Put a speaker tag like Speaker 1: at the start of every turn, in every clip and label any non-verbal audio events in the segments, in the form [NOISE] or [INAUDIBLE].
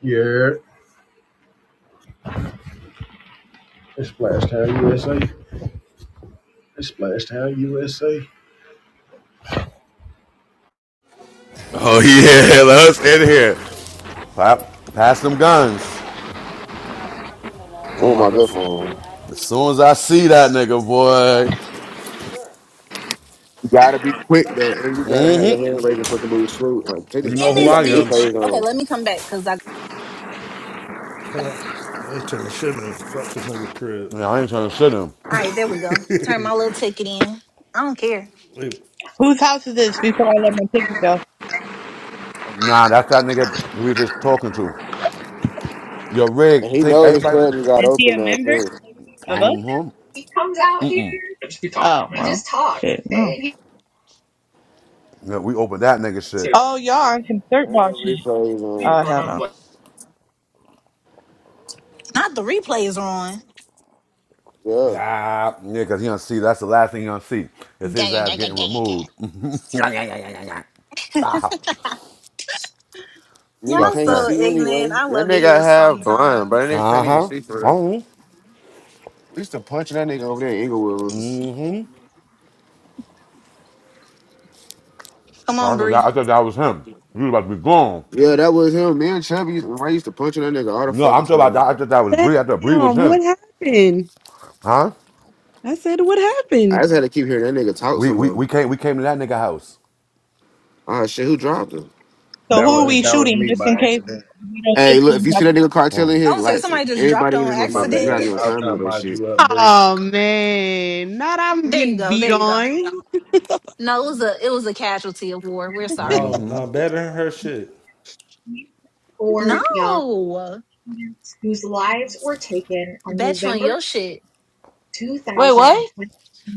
Speaker 1: Yeah, it's Splashtown USA. It's Splashtown USA.
Speaker 2: [LAUGHS] Oh yeah, let's in here. Pop, pass them guns.
Speaker 3: I
Speaker 4: Oh
Speaker 3: my
Speaker 4: my
Speaker 3: good
Speaker 4: good
Speaker 3: phone.
Speaker 4: phone.
Speaker 2: As soon as I see that nigga, boy,
Speaker 4: You gotta be quick though, and you gotta have your hand
Speaker 2: mm-hmm.
Speaker 4: raised and fucking move smooth. Like they
Speaker 2: you
Speaker 4: just, uh,
Speaker 2: know
Speaker 5: in
Speaker 4: they
Speaker 2: who
Speaker 5: this
Speaker 4: got
Speaker 2: I
Speaker 4: the
Speaker 2: am.
Speaker 5: bitch.
Speaker 4: replays
Speaker 5: Okay,
Speaker 4: on,
Speaker 5: let me come back because I. All
Speaker 6: I ain't the shit in. Fuck this nigga crib.
Speaker 2: Yeah, I ain't trying to shit him.
Speaker 5: right, there we go. Turn my little ticket in. I don't care.
Speaker 6: Wait,
Speaker 7: Whose house is this before I let my picture go?
Speaker 2: Nah, that's that nigga we was just talking to. Yo,
Speaker 4: and
Speaker 2: Rig,
Speaker 4: he
Speaker 2: take
Speaker 4: know his
Speaker 2: everybody.
Speaker 4: club just got
Speaker 7: Is he
Speaker 4: open
Speaker 7: a
Speaker 4: now
Speaker 7: member
Speaker 4: too.
Speaker 7: of us?
Speaker 2: Uh-huh.
Speaker 7: He comes out here. We talk. Oh, We well, just talk. shit, no. And
Speaker 2: Yeah, we open that nigga shit.
Speaker 7: Oh, y'all are on some third
Speaker 4: And
Speaker 7: watch.
Speaker 4: replays on,
Speaker 7: Oh, hell no.
Speaker 5: Not the replays are on.
Speaker 4: yeah.
Speaker 2: Yeah, yeah, cause he gonna see. That's the last thing he gonna see.
Speaker 5: Gah,
Speaker 2: Is his
Speaker 5: gah,
Speaker 2: ass
Speaker 5: gah, gah,
Speaker 2: getting
Speaker 5: gah, gah,
Speaker 2: removed.
Speaker 5: gah.
Speaker 2: [LAUGHS] ah,
Speaker 4: Nigga
Speaker 5: Y'all
Speaker 2: fuck
Speaker 4: can't
Speaker 2: that.
Speaker 5: so
Speaker 4: see anyway.
Speaker 5: ignorant. I
Speaker 4: That
Speaker 5: love it
Speaker 4: nigga
Speaker 5: here
Speaker 4: half blind, but
Speaker 5: sometimes.
Speaker 4: that nigga
Speaker 2: Uh
Speaker 4: can't even
Speaker 2: huh.
Speaker 4: see for real.
Speaker 2: Uh huh.
Speaker 4: We used to punch that nigga over there in Inglewood.
Speaker 2: I
Speaker 5: Come on,
Speaker 2: thought that,
Speaker 5: Brie.
Speaker 2: I thought that was him. He was about to be gone.
Speaker 4: Yeah, that was him. Me and Chubby, used- I used to punch that nigga all the
Speaker 2: No, I'm
Speaker 4: fucking
Speaker 2: talking about that.
Speaker 4: time.
Speaker 2: I thought that was
Speaker 8: Damn,
Speaker 2: Bree. I thought Bree was him.
Speaker 8: what happened?
Speaker 2: Huh?
Speaker 8: I said, what
Speaker 4: I
Speaker 8: happened?
Speaker 4: just had to keep hearing that nigga talk
Speaker 2: We
Speaker 4: some
Speaker 2: we
Speaker 4: more.
Speaker 2: we came we came to that nigga house.
Speaker 4: Oh shit, who dropped him?
Speaker 7: So
Speaker 1: That
Speaker 7: who are
Speaker 1: was
Speaker 7: we
Speaker 1: that was
Speaker 7: shooting
Speaker 1: me
Speaker 7: just in
Speaker 1: by
Speaker 7: case
Speaker 1: accident.
Speaker 7: we don't
Speaker 4: Hey,
Speaker 7: get to
Speaker 4: look, if
Speaker 7: each
Speaker 4: you see
Speaker 7: other?
Speaker 4: that nigga cartel in
Speaker 2: Um,
Speaker 4: here,
Speaker 5: I would say
Speaker 4: like,
Speaker 5: somebody just dropped
Speaker 4: everybody in
Speaker 5: on
Speaker 4: this
Speaker 1: My
Speaker 4: motherfucker, you
Speaker 5: accident.
Speaker 4: gotta
Speaker 1: bad.
Speaker 4: give him
Speaker 1: I was
Speaker 4: time
Speaker 1: trying to
Speaker 4: with that
Speaker 1: mod
Speaker 4: shit.
Speaker 1: you up, Bree.
Speaker 8: Oh man, not
Speaker 5: [LAUGHS]
Speaker 8: I'm
Speaker 5: there you
Speaker 8: getting
Speaker 5: go.
Speaker 8: beat
Speaker 5: There you go.
Speaker 8: on.
Speaker 5: No, it was a it was a casualty of war. We're sorry.
Speaker 6: no, no, better than her shit.
Speaker 7: Four young
Speaker 5: No,
Speaker 7: students whose lives were taken on
Speaker 5: bet you on
Speaker 7: November
Speaker 5: your shit.
Speaker 8: Wait, what?
Speaker 7: 2020.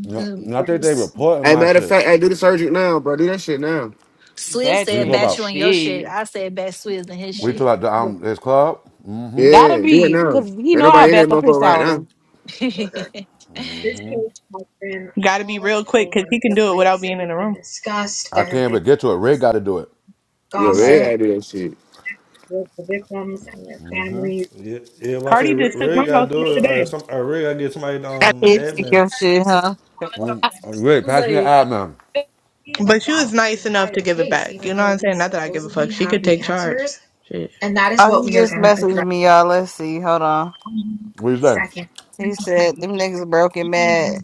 Speaker 2: no,
Speaker 5: Mm,
Speaker 2: no, I think they
Speaker 5: S-
Speaker 2: reporting
Speaker 4: Hey,
Speaker 2: my
Speaker 4: matter of
Speaker 2: shit.
Speaker 4: fact, I do the surgery now, bro. Do that shit now.
Speaker 5: Swizz
Speaker 8: Bad
Speaker 2: What you
Speaker 5: said
Speaker 2: talking
Speaker 8: shit,
Speaker 5: bet you
Speaker 2: about,
Speaker 5: on your shit. I said bet Swizz on his
Speaker 2: we
Speaker 5: shit.
Speaker 2: talk about the, um this club.
Speaker 4: Yeah, do it now. Ain't nobody in that motherfucker right now.
Speaker 8: yo.
Speaker 7: This case has been Gotta be real quick because he can
Speaker 5: [LAUGHS]
Speaker 7: do it without being in the room. discussed.
Speaker 2: I
Speaker 7: There have
Speaker 2: can't
Speaker 7: been
Speaker 2: even get to it. Ray got to do it.
Speaker 4: Yeah,
Speaker 2: I'm
Speaker 4: Red,
Speaker 7: gossip.
Speaker 2: not.
Speaker 4: I do that shit.
Speaker 7: with the victims and their families.
Speaker 6: Yeah, yeah. If I say
Speaker 7: Cardi
Speaker 6: Ray
Speaker 7: just took
Speaker 6: Ray
Speaker 7: my
Speaker 6: gotta
Speaker 7: house the
Speaker 6: do it,
Speaker 7: other
Speaker 6: or some,
Speaker 7: day.
Speaker 6: or Ray gotta get somebody
Speaker 9: I
Speaker 6: um the
Speaker 9: did see
Speaker 6: admin.
Speaker 9: your shit, huh?
Speaker 2: Um, Ray,
Speaker 5: Vamos
Speaker 2: pass me an
Speaker 5: aí.
Speaker 2: ad man.
Speaker 7: But she was nice enough to give it back. You know what I'm saying? Not that I give a fuck. She could take charge. Shit. and that is
Speaker 9: Oh,
Speaker 7: what
Speaker 9: he
Speaker 7: we are
Speaker 9: just
Speaker 7: going to
Speaker 9: messaged
Speaker 7: address
Speaker 9: me, y'all. Let's see. Hold on.
Speaker 7: on
Speaker 2: What you say?
Speaker 7: second,
Speaker 9: He said
Speaker 7: 2020,
Speaker 9: them niggas broke and mad.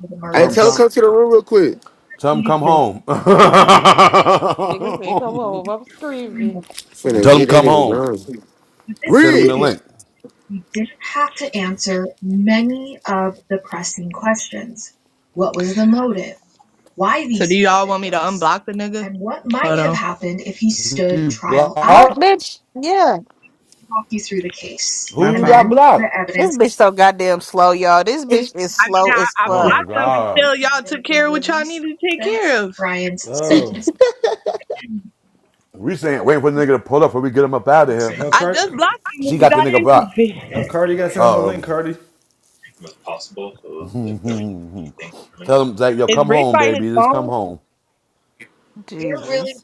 Speaker 7: for the
Speaker 4: I
Speaker 2: Tell him,
Speaker 4: tell him
Speaker 2: tell
Speaker 7: murders.
Speaker 4: come to the
Speaker 2: him,
Speaker 4: room real quick.
Speaker 2: tell him
Speaker 7: Pleaded
Speaker 2: come
Speaker 7: guilty.
Speaker 2: home.
Speaker 8: Niggas say, come on, I'm screaming.
Speaker 2: [LAUGHS]
Speaker 4: Finna
Speaker 2: tell
Speaker 4: get
Speaker 2: him
Speaker 4: that
Speaker 7: Arrested.
Speaker 2: come
Speaker 4: nigga
Speaker 2: home
Speaker 4: gone.
Speaker 7: But
Speaker 2: and
Speaker 7: this
Speaker 2: send him the
Speaker 7: pleaded,
Speaker 4: Rich!
Speaker 2: link.
Speaker 7: we didn't have to answer many of the pressing questions. What was the motive? why these? So do y'all want me to individuals unblock the nigga? and what might Hold have on. happened if he stood
Speaker 2: You
Speaker 7: trial
Speaker 9: What,
Speaker 7: after.
Speaker 2: blocked?
Speaker 9: bitch? Yeah.
Speaker 7: Walk you through the case My
Speaker 2: Who
Speaker 7: and phone.
Speaker 2: you got
Speaker 7: then the
Speaker 2: blocked?
Speaker 9: This
Speaker 7: evidence
Speaker 9: bitch so goddamn slow, y'all. This bitch is
Speaker 7: I mean,
Speaker 9: slow
Speaker 7: I,
Speaker 9: as
Speaker 7: I
Speaker 2: Oh
Speaker 9: fuck.
Speaker 2: my
Speaker 7: blocked them
Speaker 2: god.
Speaker 7: until y'all took care of what y'all needed to take care of. Brian's
Speaker 6: Oh,
Speaker 7: sentence.
Speaker 2: We saying waiting for the nigga to pull up before we get him up out of here.
Speaker 6: no,
Speaker 7: I just
Speaker 6: Card,
Speaker 7: blocked him
Speaker 2: She
Speaker 7: when we
Speaker 2: got the
Speaker 7: got
Speaker 2: nigga
Speaker 7: in
Speaker 2: blocked.
Speaker 6: no,
Speaker 7: here.
Speaker 6: Cardi gotta send him the link.
Speaker 2: Um,
Speaker 6: Cardi,
Speaker 2: tell him like, yo,
Speaker 7: [LAUGHS] Is
Speaker 2: come
Speaker 7: Rick
Speaker 2: home,
Speaker 7: by his
Speaker 2: baby, just come
Speaker 7: phone?
Speaker 2: home.
Speaker 7: We're really
Speaker 9: Jesus.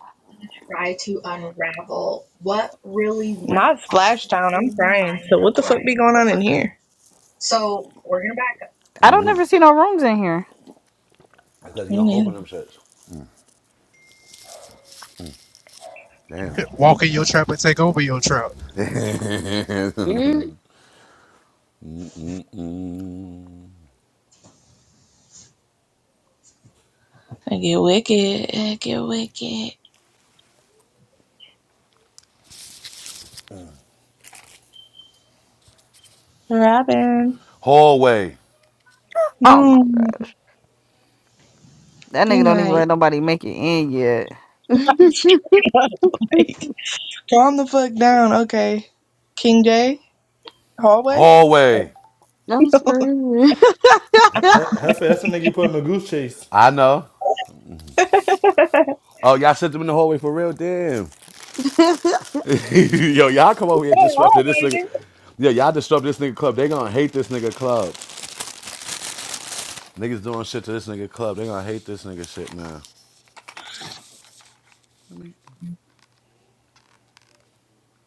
Speaker 7: try to unravel what really went Not on Splash I'm in the crying. mind So of what of the fuck Brian be going on in here? So we're gonna back
Speaker 9: I don't never see no rooms in here.
Speaker 2: Because he don't
Speaker 7: up.
Speaker 2: open them shits. Damn.
Speaker 10: Walk in your trap and take over your trap.
Speaker 2: [LAUGHS]
Speaker 8: Mm.
Speaker 2: mm.
Speaker 7: I get wicked. I get wicked. Robin,
Speaker 2: hallway,
Speaker 9: Oh my
Speaker 7: no,
Speaker 9: god. That
Speaker 7: be
Speaker 9: nigga don't even
Speaker 7: nice.
Speaker 9: let nobody make it in yet.
Speaker 8: [LAUGHS]
Speaker 7: [LAUGHS] like, calm the fuck down, okay? King J, hallway.
Speaker 2: hallway.
Speaker 8: I'm screaming. [LAUGHS]
Speaker 6: He- he- Heifer, that's the nigga you put in the goose chase.
Speaker 2: I know. Oh, y'all sent them in the hallway for real. Damn. [LAUGHS] yo, y'all come over here
Speaker 7: Hey,
Speaker 2: disrupting this
Speaker 7: hallway.
Speaker 2: nigga.
Speaker 7: dude.
Speaker 2: Yeah, y'all disrupt this nigga club. They gonna hate this nigga club. Niggas doing shit to this nigga club. They gonna hate this nigga shit, man.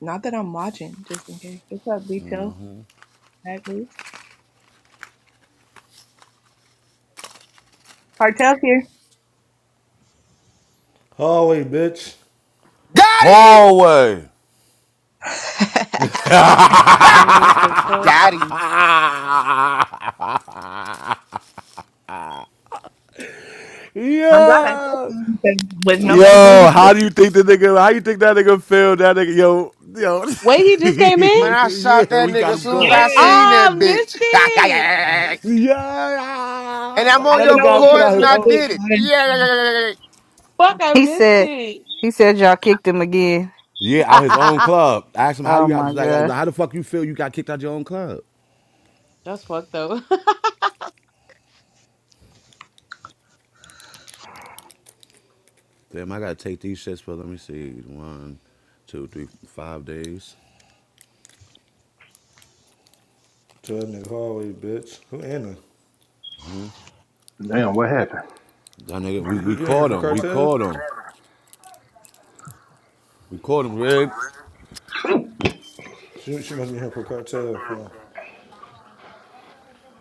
Speaker 7: Not that I'm watching, just in case. What's up, Beato? Back loose. Cartel's here.
Speaker 6: Hallway, bitch.
Speaker 4: Got him!
Speaker 2: Hallway. [LAUGHS] yo,
Speaker 4: Ha!
Speaker 8: Man, what the fuck?
Speaker 4: Got him.
Speaker 7: I'm glad I said something because was nobody paying
Speaker 2: yo,
Speaker 7: attention.
Speaker 2: how do you think the nigga? How you think that nigga feel? That nigga, yo, yo,
Speaker 8: Wait, he just came
Speaker 4: Man,
Speaker 8: in?
Speaker 4: I shot
Speaker 2: [LAUGHS] yeah,
Speaker 4: that
Speaker 2: we
Speaker 4: nigga
Speaker 2: got
Speaker 4: as
Speaker 2: him
Speaker 4: soon as
Speaker 7: Yeah,
Speaker 2: going.
Speaker 4: I
Speaker 8: Oh,
Speaker 4: seen
Speaker 7: [LAUGHS]
Speaker 4: that
Speaker 8: I missed
Speaker 4: bitch.
Speaker 8: it.
Speaker 4: [LAUGHS]
Speaker 2: Yeah,
Speaker 4: and I'm
Speaker 2: that
Speaker 7: I
Speaker 4: on
Speaker 7: didn't
Speaker 4: your
Speaker 2: nigga
Speaker 7: know what
Speaker 2: got
Speaker 7: we
Speaker 2: put out
Speaker 4: records, and
Speaker 2: his
Speaker 7: were
Speaker 4: I
Speaker 7: supposed
Speaker 2: own.
Speaker 4: did it.
Speaker 7: to do.
Speaker 4: Yeah.
Speaker 8: Fuck, I
Speaker 9: He
Speaker 8: missed
Speaker 9: said
Speaker 8: it.
Speaker 9: he said y'all kicked him again.
Speaker 2: Yeah, out his own club. I asked him how do
Speaker 9: Oh
Speaker 2: you
Speaker 9: my
Speaker 2: like, like
Speaker 9: god.
Speaker 2: how the fuck you feel you got kicked out your own club?
Speaker 8: [LAUGHS] That's fucked though.
Speaker 2: Damn, I gotta take these shits for let me see one, two, three, five days.
Speaker 6: Tell that nigga hallway, bitch. Who Anna?
Speaker 1: Damn, what happened?
Speaker 2: That nigga, we,
Speaker 6: You,
Speaker 2: we
Speaker 6: you ain't here
Speaker 2: called
Speaker 6: for
Speaker 2: him. We
Speaker 6: cartel?
Speaker 2: called him. We caught him, Rig.
Speaker 6: She, she must be here for cartel. Huh?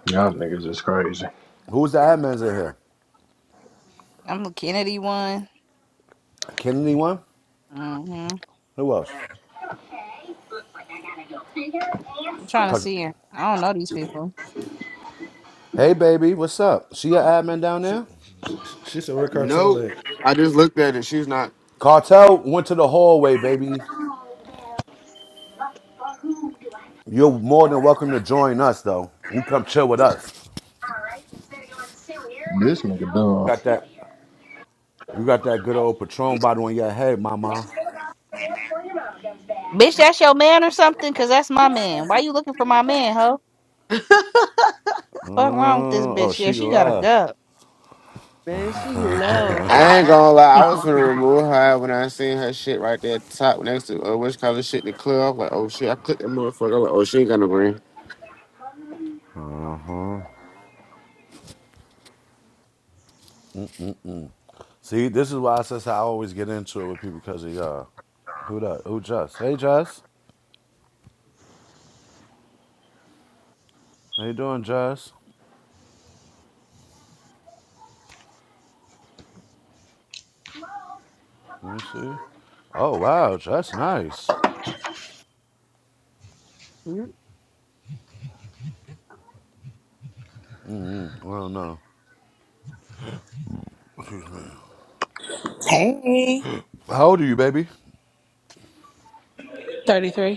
Speaker 1: Y'all niggas is crazy.
Speaker 2: Who's the admins in here?
Speaker 9: I'm the Kennedy one.
Speaker 2: Kennedy one?
Speaker 9: Mm-hmm.
Speaker 2: Who else?
Speaker 9: I'm trying to
Speaker 2: Cause
Speaker 9: see her. I don't know these people.
Speaker 2: hey baby, what's up? See your admin down
Speaker 6: She,
Speaker 2: there?
Speaker 6: she, she said where cartel
Speaker 4: Nope.
Speaker 6: at?
Speaker 4: I just looked at it. She's not.
Speaker 2: Cartel went to the hallway, baby. You're more than welcome to join us though. You come chill with us.
Speaker 1: This nigga
Speaker 2: Got
Speaker 1: dumb.
Speaker 2: that you got that good old Patron bottle in your head, mama.
Speaker 9: Bitch, that's your man or something? Cause that's my man. Why you looking for my man, ho?
Speaker 8: [LAUGHS]
Speaker 9: Fuck wrong with this
Speaker 2: Mm, oh,
Speaker 9: bitch? Yeah,
Speaker 2: she
Speaker 9: she
Speaker 2: can
Speaker 9: gotta
Speaker 2: laugh.
Speaker 9: go.
Speaker 8: Man, she left.
Speaker 4: I ain't gonna lie, I was
Speaker 9: [LAUGHS]
Speaker 4: finna remove her when I seen her shit right there at the top next to uh, which color shit in the club. like, oh shit, I clicked that motherfucker. like, oh, she ain't got no green.
Speaker 2: See, this is why I says I always get into it with people because of y'all. Who that? Who Just? Hey Just. How you doing, Just? Let me see. Oh wow, that's nice. Mm-hmm. I don't know.
Speaker 11: Hey,
Speaker 2: How old are you, baby?
Speaker 11: 33.